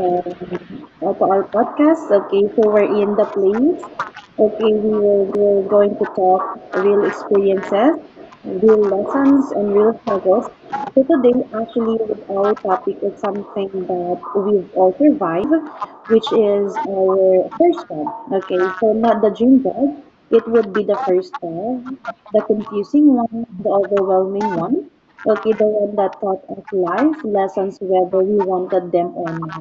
um, uh, to our podcast. Okay, so we're in the place. Okay, we were going to talk real experiences, real lessons, and real struggles. So today, actually, with our topic is something that we've all survived, which is our first job. Okay, so not the dream job. It would be the first job, the confusing one, the overwhelming one. Okay, the one that taught us life lessons whether we wanted them or not.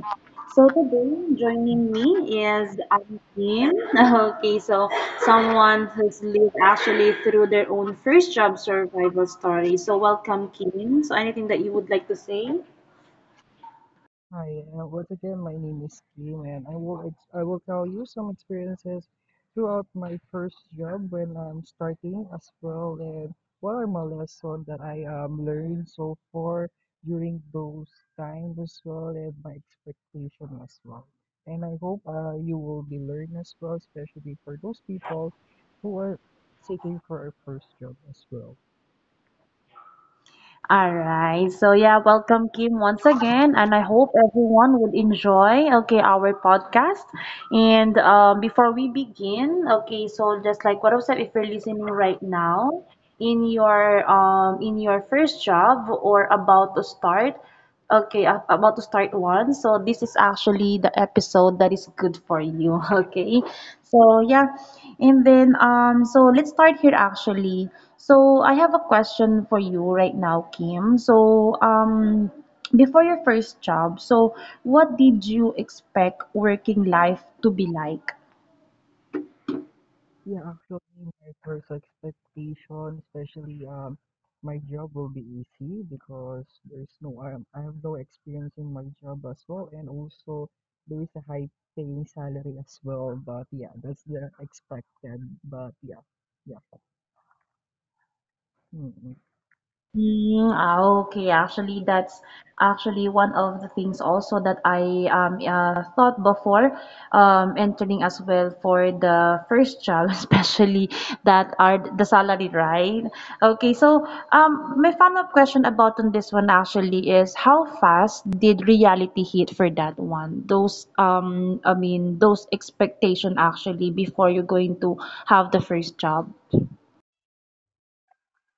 So today, joining me is Antin. Okay, so someone who's lived actually through their own first job survival story. So welcome, Kim. So anything that you would like to say? Hi, once again, my name is Kim, and I will I will tell you some experiences throughout my first job when I'm starting as well, and what are my lessons that I learned so far during those times as well, and my expectation as well. And I hope you will be learning as well, especially for those people who are seeking for a first job as well. All right. So yeah, welcome Kim once again, and I hope everyone would enjoy our podcast. And before we begin, okay, so just like what I said, if you're listening right now in your first job or about to start. Okay, I'm about to start one. So this is actually the episode that is good for you. Okay. So yeah. And then so let's start here actually. So I have a question for you right now, Kim. So before your first job, so what did you expect working life to be like? Yeah, actually, my first expectation, especially my job will be easy because there's no I have no experience in my job as well, and also there is a high paying salary as well. But yeah, that's the expected. But yeah. mm Okay. Actually, that's actually one of the things also that I thought before entering as well for the first job, especially that are the salary, right? Okay, so my follow-up question about on this one actually is how fast did reality hit for that one? Those I mean those expectation actually before you're going to have the first job.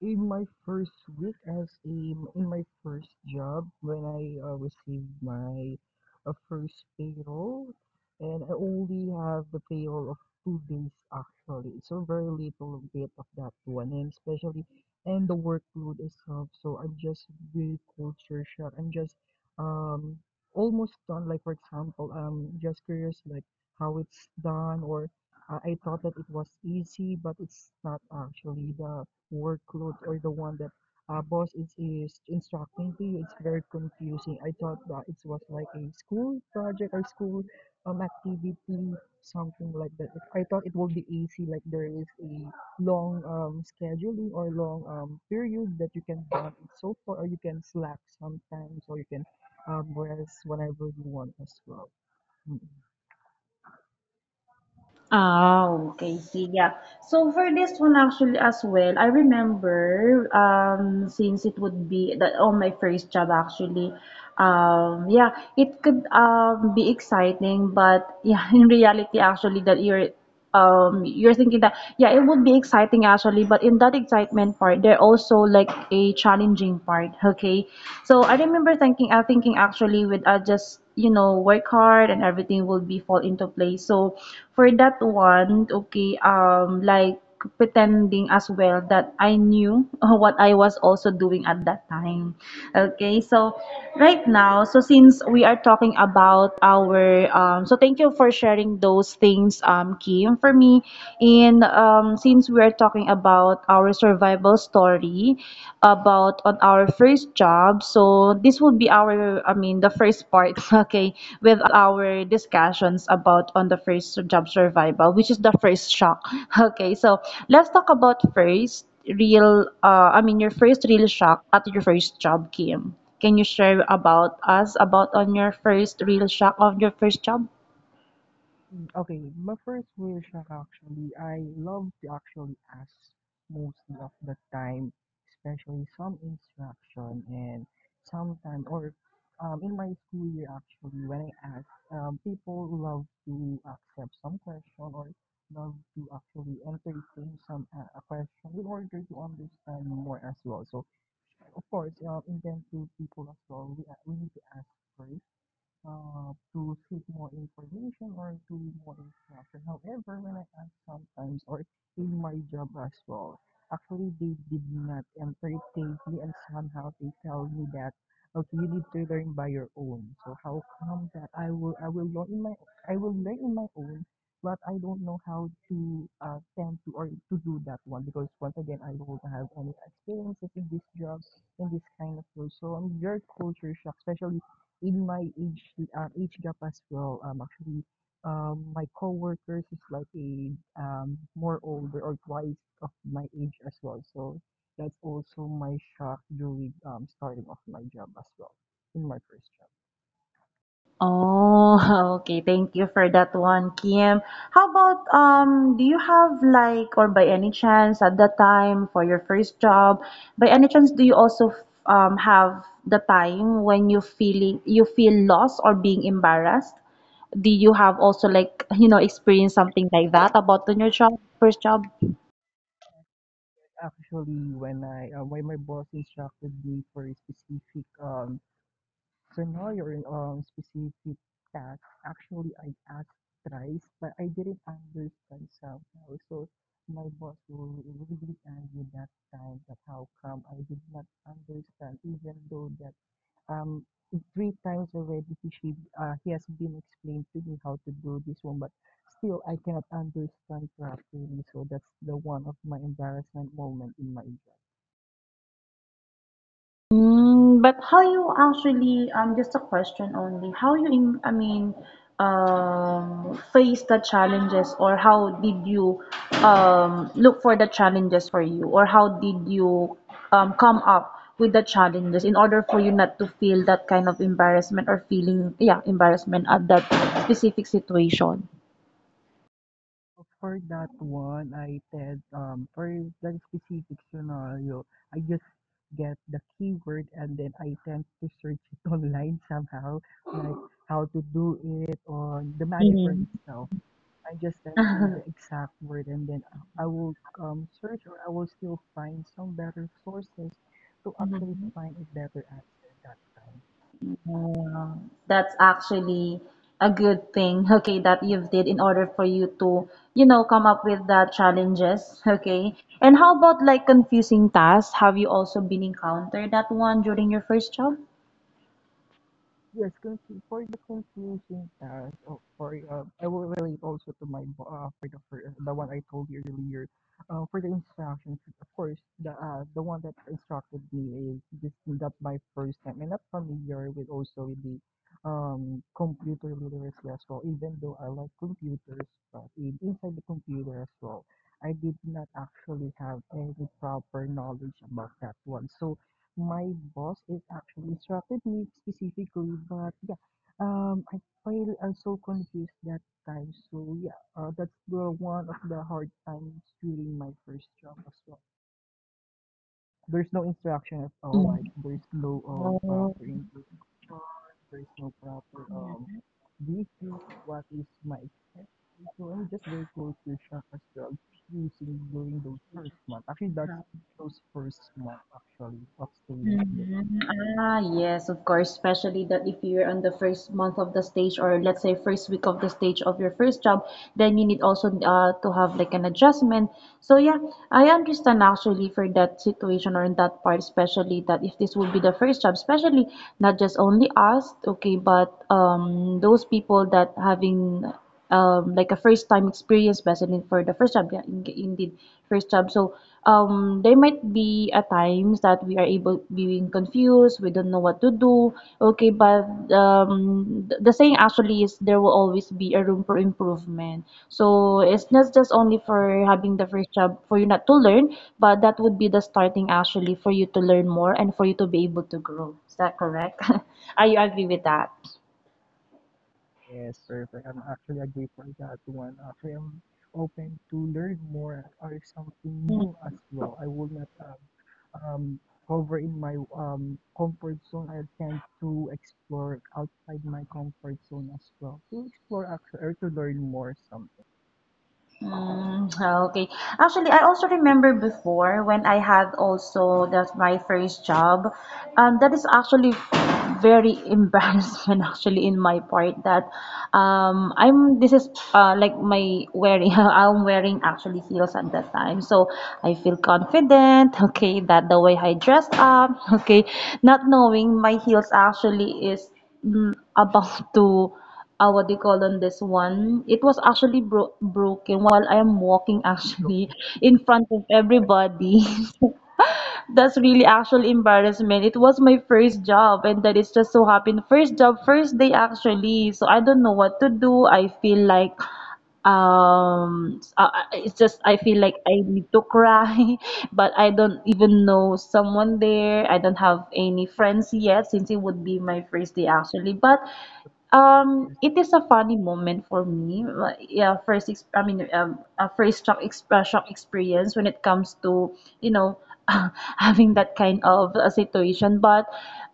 In my first week as a in my first job when I, received my, first payroll, and I only have the payroll of two days actually, so very little bit of that one, and especially and the workload itself, so I'm just really culture shock. I'm just, um, almost done, like, for example, I'm just curious, like, how it's done or, I thought that it was easy, but it's not actually. The workload or the one that boss is instructing to you, it's very confusing. I thought that it was like a school project or school activity, something like that. I thought it would be easy, like there is a long scheduling or long period that you can have it so far, or you can slack sometimes, or you can rest whenever you want as well. Mm. Okay. see yeah So for this one actually as well, I remember since it would be that on my first job actually, yeah, it could be exciting, but yeah, in reality actually that you're thinking that yeah it would be exciting actually but in that excitement part there also like a challenging part so I remember thinking actually with I just work hard and everything will be fall into place. So for that one, like pretending as well that I knew what I was also doing at that time. Okay, so right now, so since we are talking about our, so thank you for sharing those things, Kim. For me, in since we are talking about our survival story, about on our first job. So this will be our, I mean, the first part, okay, with our discussions about on the first job survival, which is the first shock. Okay, so let's talk about first real, I mean, your first real shock at your first job, Kim. Can you share about us about on your first real shock of your first job? Okay, my first real shock actually, I loved to actually ask mostly of the time, especially some instruction and sometimes or in my school year actually when I ask, people love to accept some question or love to actually entertain some a question in order to understand more as well. So of course, intent to people as well. We need to ask first to seek more information or to more instruction. However, when I ask sometimes or in my job as well, actually they did not entertain me and somehow they tell me that okay you need to learn by your own. So how come that I will learn in my I will learn in my own but I don't know how to tend to or to do that one because once again I don't have any experiences in this job in this kind of role. So your culture shock, especially in my age age gap as well actually my coworkers is like a more older or twice of my age as well, so that's also my shock during starting of my job as well. In my first job Oh, okay. Thank you for that one, Kim. How about do you have like, or by any chance at that time for your first job, by any chance do you also have the time when you feel lost or being embarrassed? Do you have also like, experience something like that about on your job, first job? actually when I when my boss instructed me for a specific So now you're in specific task. Actually, I asked thrice, but I didn't understand somehow. So my boss will really angry that time, that how come I did not understand, even though that um three times already he has been explained to me how to do this one, but still I cannot understand properly. So that's the one of my embarrassment moment in my job. Mm, but how you actually, just a question only, how you, face the challenges or how did you look for the challenges for you or how did you come up with the challenges in order for you not to feel that kind of embarrassment or feeling, yeah, embarrassment at that specific situation? For that one, I said for that specific scenario, I just get the keyword and then I tend to search it online somehow, like how to do it or the magic word Mhm. itself. I just tend to the exact word and then I will search or I will still find some better sources to actually find a better answer that time. Yeah, that's actually a good thing that you've did in order for you to come up with the challenges. Okay and how about like confusing tasks? Have you also been encountered that one during your first job? Yes, for the confusing task, oh, for I will relate also to my for the the one I told you earlier. For the instructions, of course, the one that instructed me is just that my first time. I'm not familiar with also with the computer literacy as well. Even though I like computers, but inside the computer as well, I did not actually have any proper knowledge about that one. So my boss is actually instructed me specifically, but yeah, I feel I'm so confused that time. So yeah, that's the one of the hard times during my first job as well. There's no instruction at all. Like there's no proper Mm. introduction. There's no proper briefing. What is my expectation? So I'm just very confused as well. Using during those first month. Actually, that's those first month actually of staying there. Mhm. Ah, yes, of course. Especially that if you're on the first month of the stage, or let's say first week of the stage of your first job, then you need also to have like an adjustment. So yeah, I understand actually for that situation or in that part, especially that if this would be the first job, especially not just only us, okay, but those people that having like a first time experience basin for the first job, yeah, indeed first job. So there might be at times that we are able being confused, we don't know what to do, okay but the saying actually is there will always be a room for improvement, so it's not just only for having the first job for you not to learn, but that would be the starting actually for you to learn more and for you to be able to grow. Is that correct? Are you agree with that? Yes, perfect. I'm actually agree for that one. Actually, I'm open to learn more or something new as well. I will not hover in my comfort zone. I tend to explore outside my comfort zone as well. To explore actually, or to learn more something. Mm, okay. Actually, I also remember before when I had also that's my first job. That is actually very embarrassment actually in my part that I'm this is like my wearing I'm wearing actually heels at that time. So I feel confident, that the way I dressed up, okay, not knowing my heels actually is about to what they call on this one? It was actually broken while I am walking Go actually get in front of that everybody. So, that's really actual embarrassment. It was my first job and that is just so happened. First job, first day actually. So I don't know what to do. I feel like it's just I feel like I need to cry. But I don't even know someone there, I don't have any friends yet since it would be my first day actually. But first, it is a funny moment for me. Like, yeah, first ex- I mean a first shock, shock experience when it comes to you know having that kind of a situation. But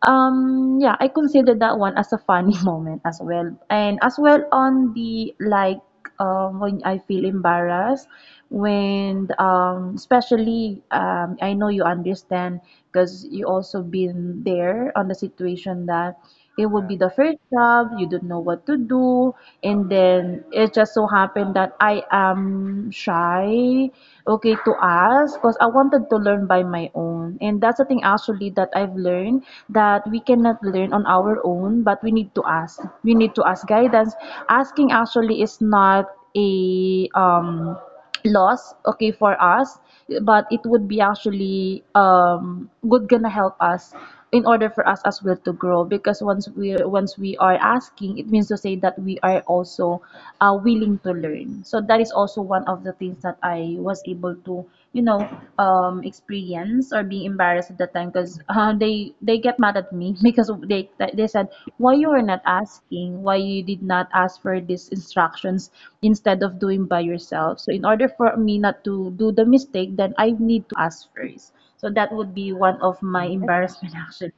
yeah, I consider that one as a funny moment as well. And as well on the like when I feel embarrassed, when especially I know you understand because you also been there on the situation that it would yeah. be the first job, you don't know what to do, and then it just so happened that I am shy, okay, to ask because I wanted to learn by my own. And that's the thing actually that I've learned that we cannot learn on our own, but we need to ask. We need to ask guidance. Asking actually is not a loss, for us, but it would be actually good gonna help us in order for us as well to grow because once we are asking it means to say that we are also willing to learn. So that is also one of the things that I was able to you know experience or being embarrassed at the time because they get mad at me because they said why you are not asking, why you did not ask for these instructions instead of doing by yourself. So in order for me not to do the mistake, then I need to ask first. So that would be one of my Mm, and embarrassment actually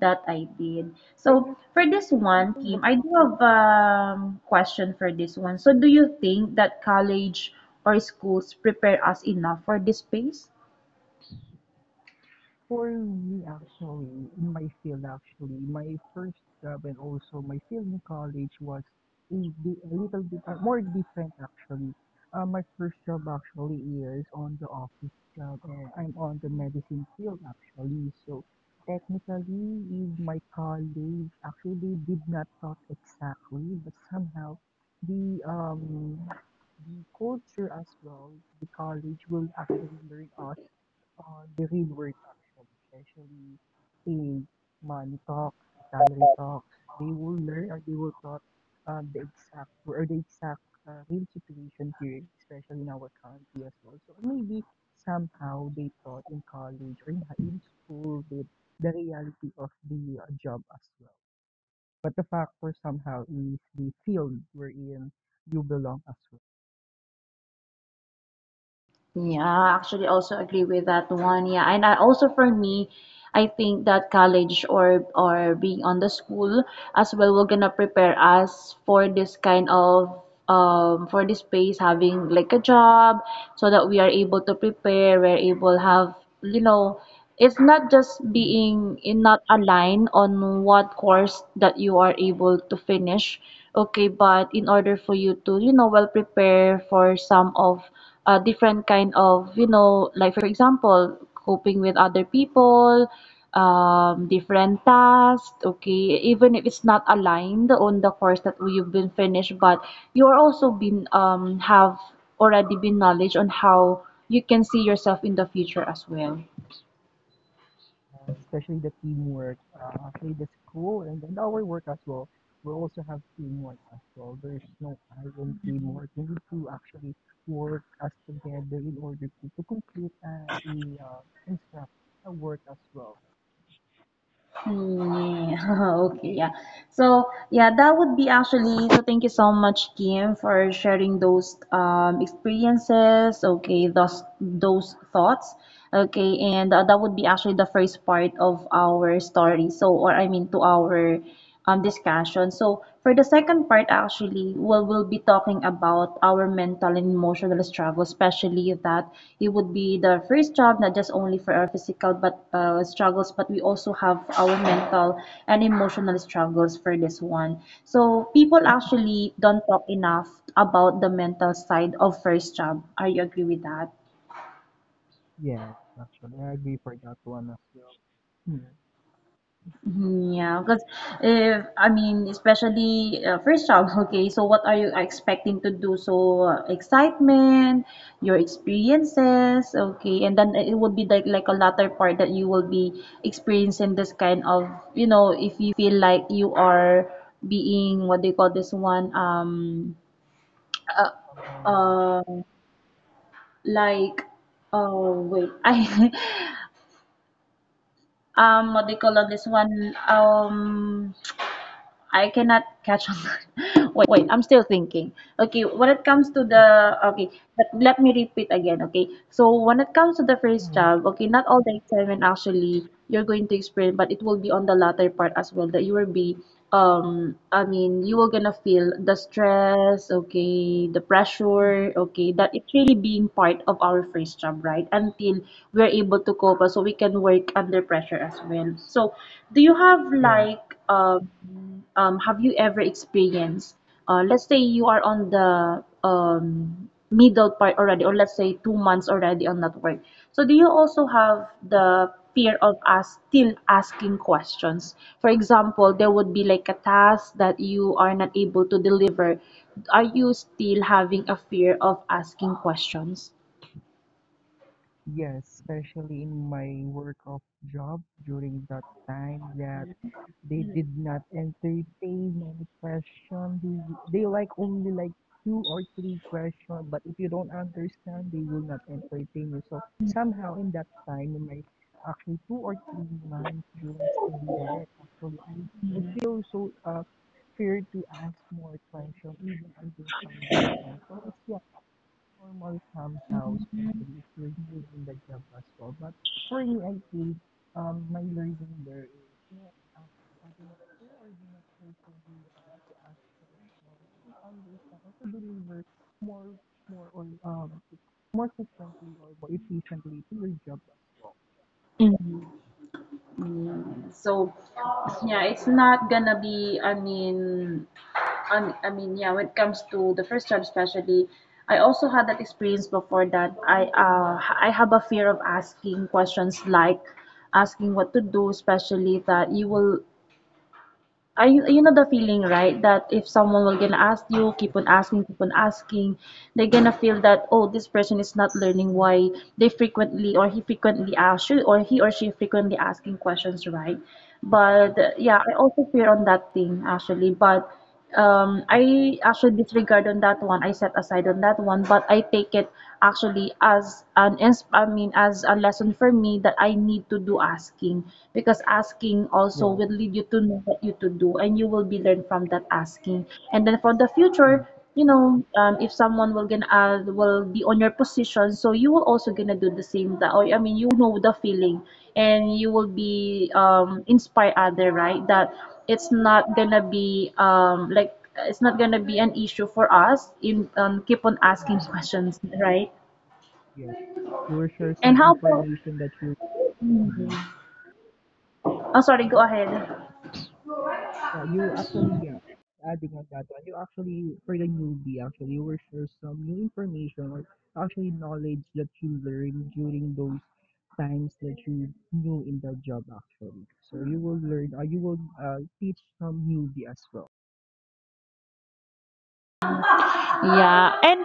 that I did. I So think for this I one, think the Kim, I do have a question for this one. So do you think that college or schools prepare us enough for this space? for me, actually, in my field, actually, my first job and also my field in college was a, a little bit more different, actually. My first job actually is on the office job, and I'm on the medicine field, actually. So, technically, in my college, actually, they did not taught exactly, but somehow the um the culture as well, the college will actually learn us on the real work actually, especially in money talks, salary talks, they will learn or they will taught the exact or the exact real situation here, especially in our country as well. So maybe somehow they taught in college or in, in school the reality of the job as well. But the factor somehow is the field wherein you belong as Yeah, I actually also agree with that one. Yeah, and I also for me, I think that college or being on the school as well will gonna prepare us for this kind of for this space having like a job so that we are able to prepare, we're able have you know it's not just well. being in not aligned on what course that you are able to finish, okay but in order for you to well prepare for some of different kind of like for example coping with other people, different tasks, even if it's not aligned on the course that you've been finished, but you are also been have already been knowledge on how you can see yourself in the future as well. Know, especially the teamwork. Actually, the school and our work as well. We also have teamwork as well. There's no iron teamwork. We need to actually work as together in order to complete a instruction, a work as well. Mm, okay, yeah. So, yeah, that would be actually. So, thank you so much, Kim, for sharing those experiences. Okay, those thoughts. Okay, and that would be actually the first part of our story. So, or I mean, to our discussion. So for the second part, actually, we'll be talking about our mental and emotional struggle, especially that it would be the first job, not just only for our physical but struggles, but we also have our mental and emotional struggles for this one. So people Mm. actually don't talk enough about the mental side of first job. Are you agree with that? Yes, actually, I agree for that one as well. Hmm. Mhm. Yeah, because if I mean, especially first job, okay, so what are you expecting to do? So excitement, your experiences, okay, and then it would be like a latter part that you will be experiencing this kind of, you know, if you feel like you are being, what do you call this one? Uh, Somehow, uh like, oh wait, I, what do you call on this one? I cannot catch on that. Wait, I'm still thinking. Okay, when it comes to yeah. Oh. the, okay, let me repeat again, okay? So when it comes to the first Mm. job, okay, not all the excitement actually you're going to experience, but it will be on the latter part as well that you will be, I mean, you will gonna feel the stress, okay, the Mm. pressure, okay, that it's really being part of our first job, right? Until we're able to cope so we can work under pressure as well. So do you have Yes, like have you ever experienced, let's say you are on the, middle part already, or let's say 2 months already on that work. So do you also have the fear of us still asking questions? For example, there would be like a task that you are not able to deliver. Are you still having a fear of asking questions? yes, especially in my work of job during that time that they did not entertain many question. They like only like two or three questions, but if you don't understand, they will not entertain you. So somehow in that time, in my actually 2 or 3 months during staying there, actually I feel so fear to ask more questions even I don't understand. So it's normal somehow, especially if you're new in the job as well. But for me, I think my learning there is uh, do not fear or do not fear for the to ask questions, to understand or to deliver more, more or more frequently or more efficiently to your job as well. Mhm. So yeah, it's not gonna be. I mean, yeah. When it comes to the first job, especially, I also had that experience before that. I have a fear of asking questions, like asking what to do, especially that you will, you know the feeling, right? That if someone will gonna ask you, keep on asking, they're gonna feel that, oh, this person is not learning, why they frequently, or he frequently asks you, or he or she frequently asking questions, right? Yeah. But yeah, I also fear on that thing actually. But Mhm. I actually disregard on that one, I set aside on that one, but I take it actually as an I mean as a lesson for me that I need to do asking, because asking also Yes. will lead you to know what you to do, and you will be learned from that asking. And then for the Mhm. future, you know, if someone will gonna will be on your position, so you will also gonna do the same that, or I mean, you know the feeling, and you will Yeah. be inspire other, right? That it's not gonna be like, it's not gonna be an issue for us in, keep on asking Mhm. questions, right? Yes. You will share And some how about? information that you. Mhm. Oh, sorry. Go ahead. Yeah, you actually, yeah, adding on that one, you actually, for the newbie, actually, you will share some new information or actually knowledge that you learn during those times that you new in the job, actually. So you will learn, or you will teach some newbie as well. Yeah. And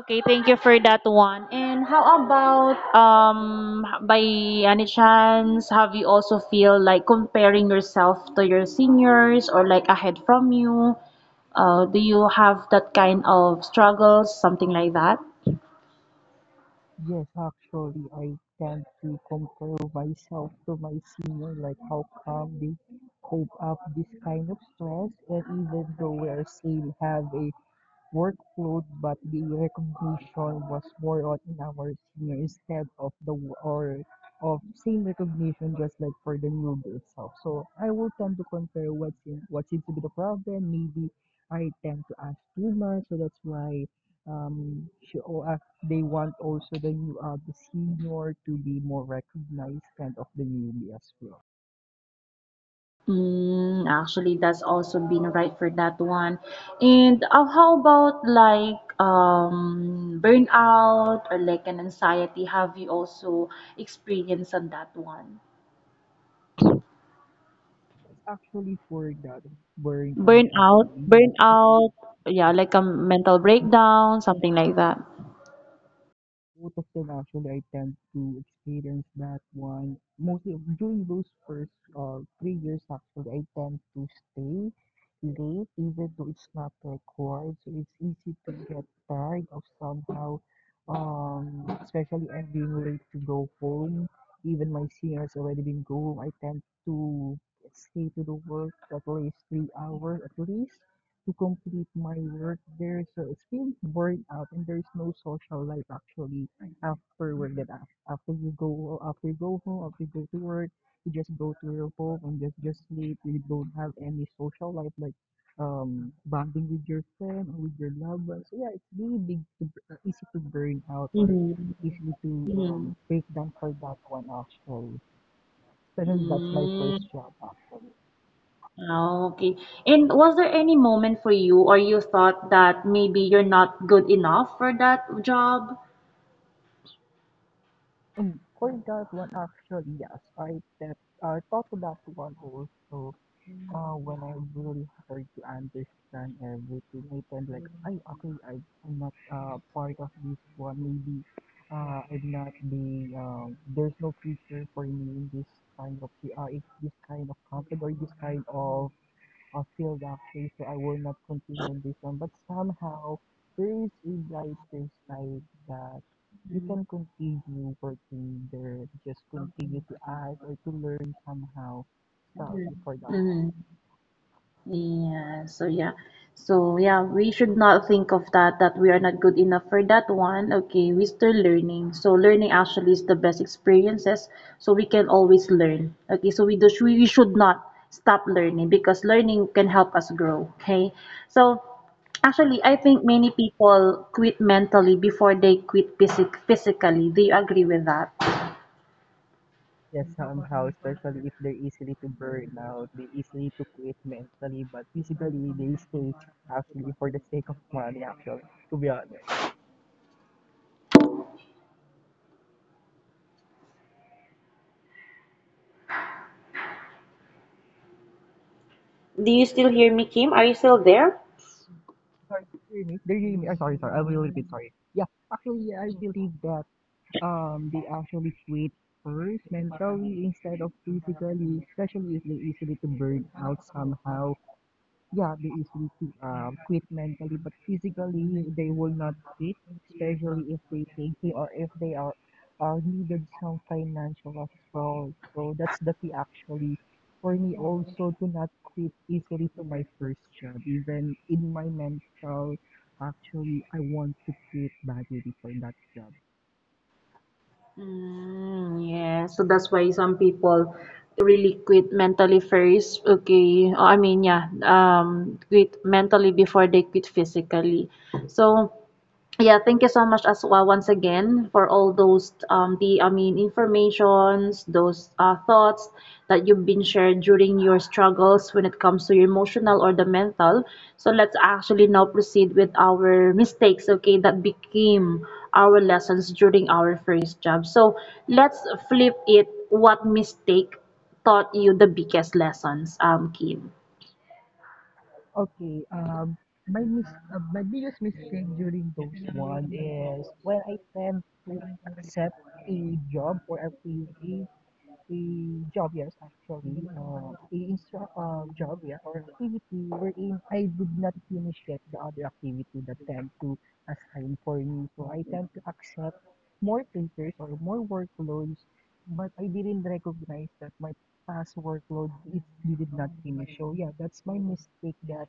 okay, thank you for that one. And how about, by any chance, have you also feel like comparing yourself to your seniors or like ahead from you? Do you have that kind of struggles, something like that? Yes, actually, I tend to compare myself to my senior, like how come they cope up this kind of stress, and even though we are still have a workload, but the recognition was more on in our senior instead of the or of same recognition just like for the newbie itself. So I will tend to compare what seems to be the problem. Maybe I tend to ask too much, so that's why um she, or, uh, they want also the senior to be more recognized kind of the newbie as well. Mm, actually, that's also been right for that one. And how about like, burnout or like an anxiety? Have you also experienced on that one? That's actually for that burnout Burnout, actually yes. It's, yeah, yes. like a mental breakdown, something like that. Both of them actually I tend to experience that one mostly during those first 3 years actually I tend to stay late even though it's not required, so it's easy to get tired of somehow especially I'm being late to go home even my senior has already been go home. I tend to stay to the work at least 3 hours at least to complete my work. There's a feeling burnout and there's no social life actually afterward. That after you go home, after you go to work, you just go to your home and just sleep. You don't have any social life like bonding with your friend or with your loved ones. So yeah, it's really big to, easy to burn out or Mm-hmm. easy to Mm-hmm. Break down for that one actually. Especially that's my Mm, first job. ah, okay. And was there any moment for you or you thought that maybe you're not good enough for that job? Mm, for that one, actually, yes, I that I thought about one also. When I really hard to understand everything, I tend like, I okay, I'm not part of this one. Maybe, I'm not being there's no future for me in this kind of in this kind of company or this kind of field actually, so I will not continue this one. But somehow there is a brighter side that you can continue working there, just continue to add or to learn somehow. So before that one. Mm-hmm. Yeah, so yeah. So yeah, we should not think of that, that we are not good enough for that one. Okay, we're still learning. So learning actually is the best experiences. So we can always learn. Okay, so we should not stop learning, because learning can help us grow. Okay. So actually I Right. think many people quit mentally before they quit physically. Do you agree with that? Yes, somehow, especially if they're easily to burn out, they easily to quit mentally, but physically they stay actually for the sake of money, actually, to be honest, yeah. Do you still hear me, Kim? Are you still there? Sorry, do you hear me? Do you hear me? Oh, sorry, sorry. I will repeat. Sorry. Yeah, actually, yeah, I believe that. They actually quit first mentally instead of physically, especially if they easily to burn out somehow. Yeah, they easily to quit mentally, but physically they will not quit, especially if they think they or if they are needed some financial as well. So that's the key actually for me also to not quit easily to my first job, even in my mental. Actually, I want to quit badly for that job. Mm, yeah. So that's why some people really quit mentally first. Okay. Oh, I mean, yeah. Quit mentally before they quit physically. So yeah, thank you so much as well once again for all those, the, I mean, informations, those thoughts that you've been shared during your struggles when it comes to your emotional or the mental. So let's actually now proceed with our mistakes, okay, that became our lessons during our first job. So let's flip it. What mistake taught you the biggest lessons, Kim? Okay, my mis my biggest mistake during those one is when I tend to accept a job or a PhD a job, yes, actually. A job, yeah, or activity wherein I did not finish yet the other activity that tend to assign for me. So I tend to accept more papers or more workloads, but I didn't recognize that my past workload it did not finish. So yeah, that's my mistake that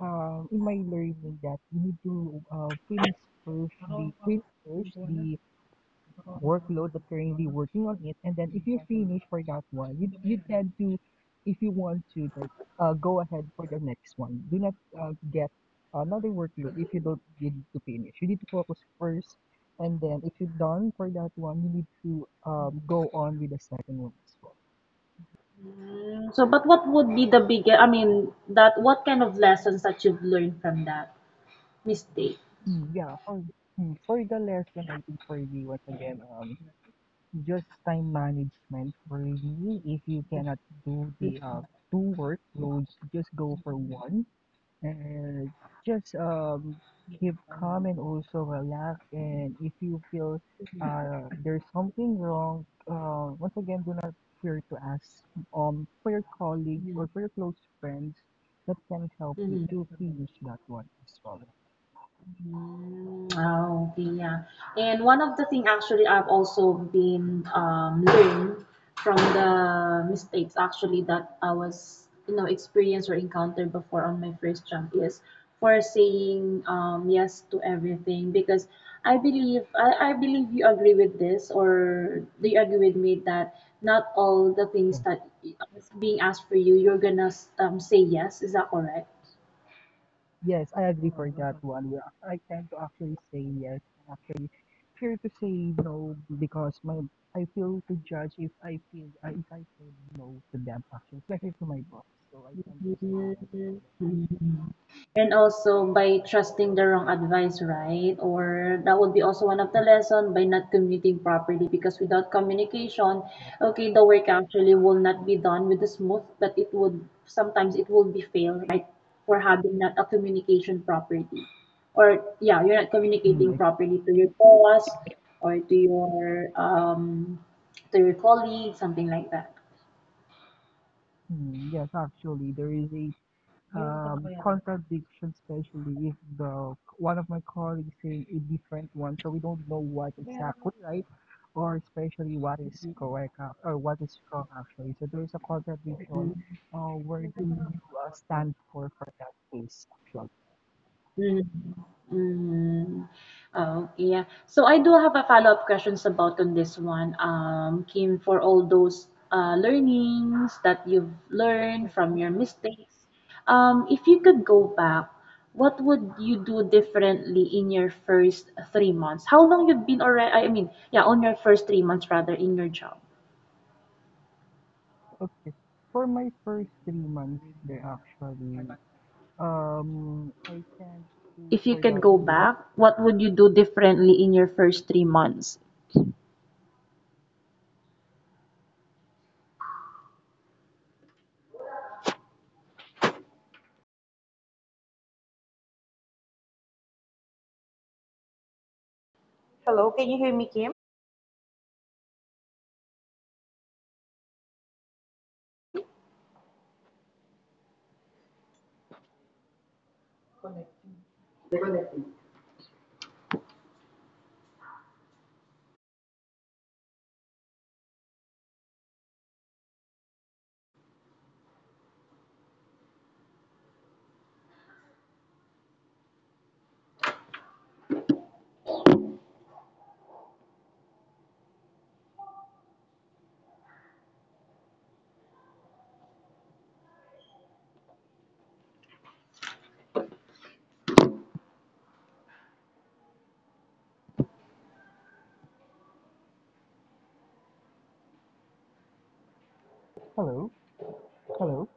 in my learning that you need to finish first the workload that currently working on it, and then if you finish for that one you, you tend to if you want to like go ahead for the next one, do not get another workload if you don't need to finish. You need to focus first, and then if you're done for that one you need to go on with the second one as well. Mm. So, but what would be the biggest? I mean, that, what kind of lessons that you've learned from that mistake? Mm, yeah, for mm, for the lesson, I think for me once again, just time management for me. If you cannot do Mhm, the two workloads, just go for one. Uh, just keep calm and also relax. And if you feel mhm, there's something wrong, once again, do not fear to ask for your colleagues or for your close friends that can help you mhm, to finish that one as well. mhm. Oh, okay, yeah. And one of the thing actually I've also been, learned from the mistakes actually that I was, you know, experienced or encountered before on my first jump, is for saying, yes to everything, because I believe I believe you agree with this, or do you agree with me that not all the things that is being asked for you, you're gonna, say yes, is that correct? Yes, I agree for that one. Yeah, I tend to actually say yes. I actually fear to say no because my I feel to judge if I feel if I say no to them actually, especially to my boss. So I tend to say yes all the Mhm. And also by trusting the wrong advice, right? Or that would be also one of the lesson, by not commuting properly, because without communication, time. okay, the work actually will not be done with the smooth, but it would, sometimes it will be fail, right? For having not a communication properly. Or yeah, you're not Mm, communicating properly to your boss or to your colleague, something like that. Yes, actually, there is a Ganun pa po yan. Contradiction, especially if the one of my colleagues say a different one, so we don't know what Kaya nga exactly right, or especially what is correct or what is wrong actually. So there is a contradiction. Mm-hmm. Where do you stand for that case actually? Mhm. Mhm. Oh, yeah. So I do have a follow-up questions about on this one. Kim, for all those learnings that you've learned from Mhm. your mistakes, if you could go back, what would you do differently in your first 3 months? How long you've been already, I mean, yeah, on your first 3 months rather in your job. Okay. For my first 3 months there actually, I tend to If you for could that go one. back, what would you do differently in your first 3 months? Hello, can you hear me, Kim? Hello, hello,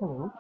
hello.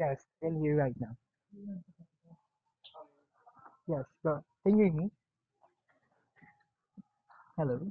Yes, can you hear right now? Yes, but can you hear me? Hello.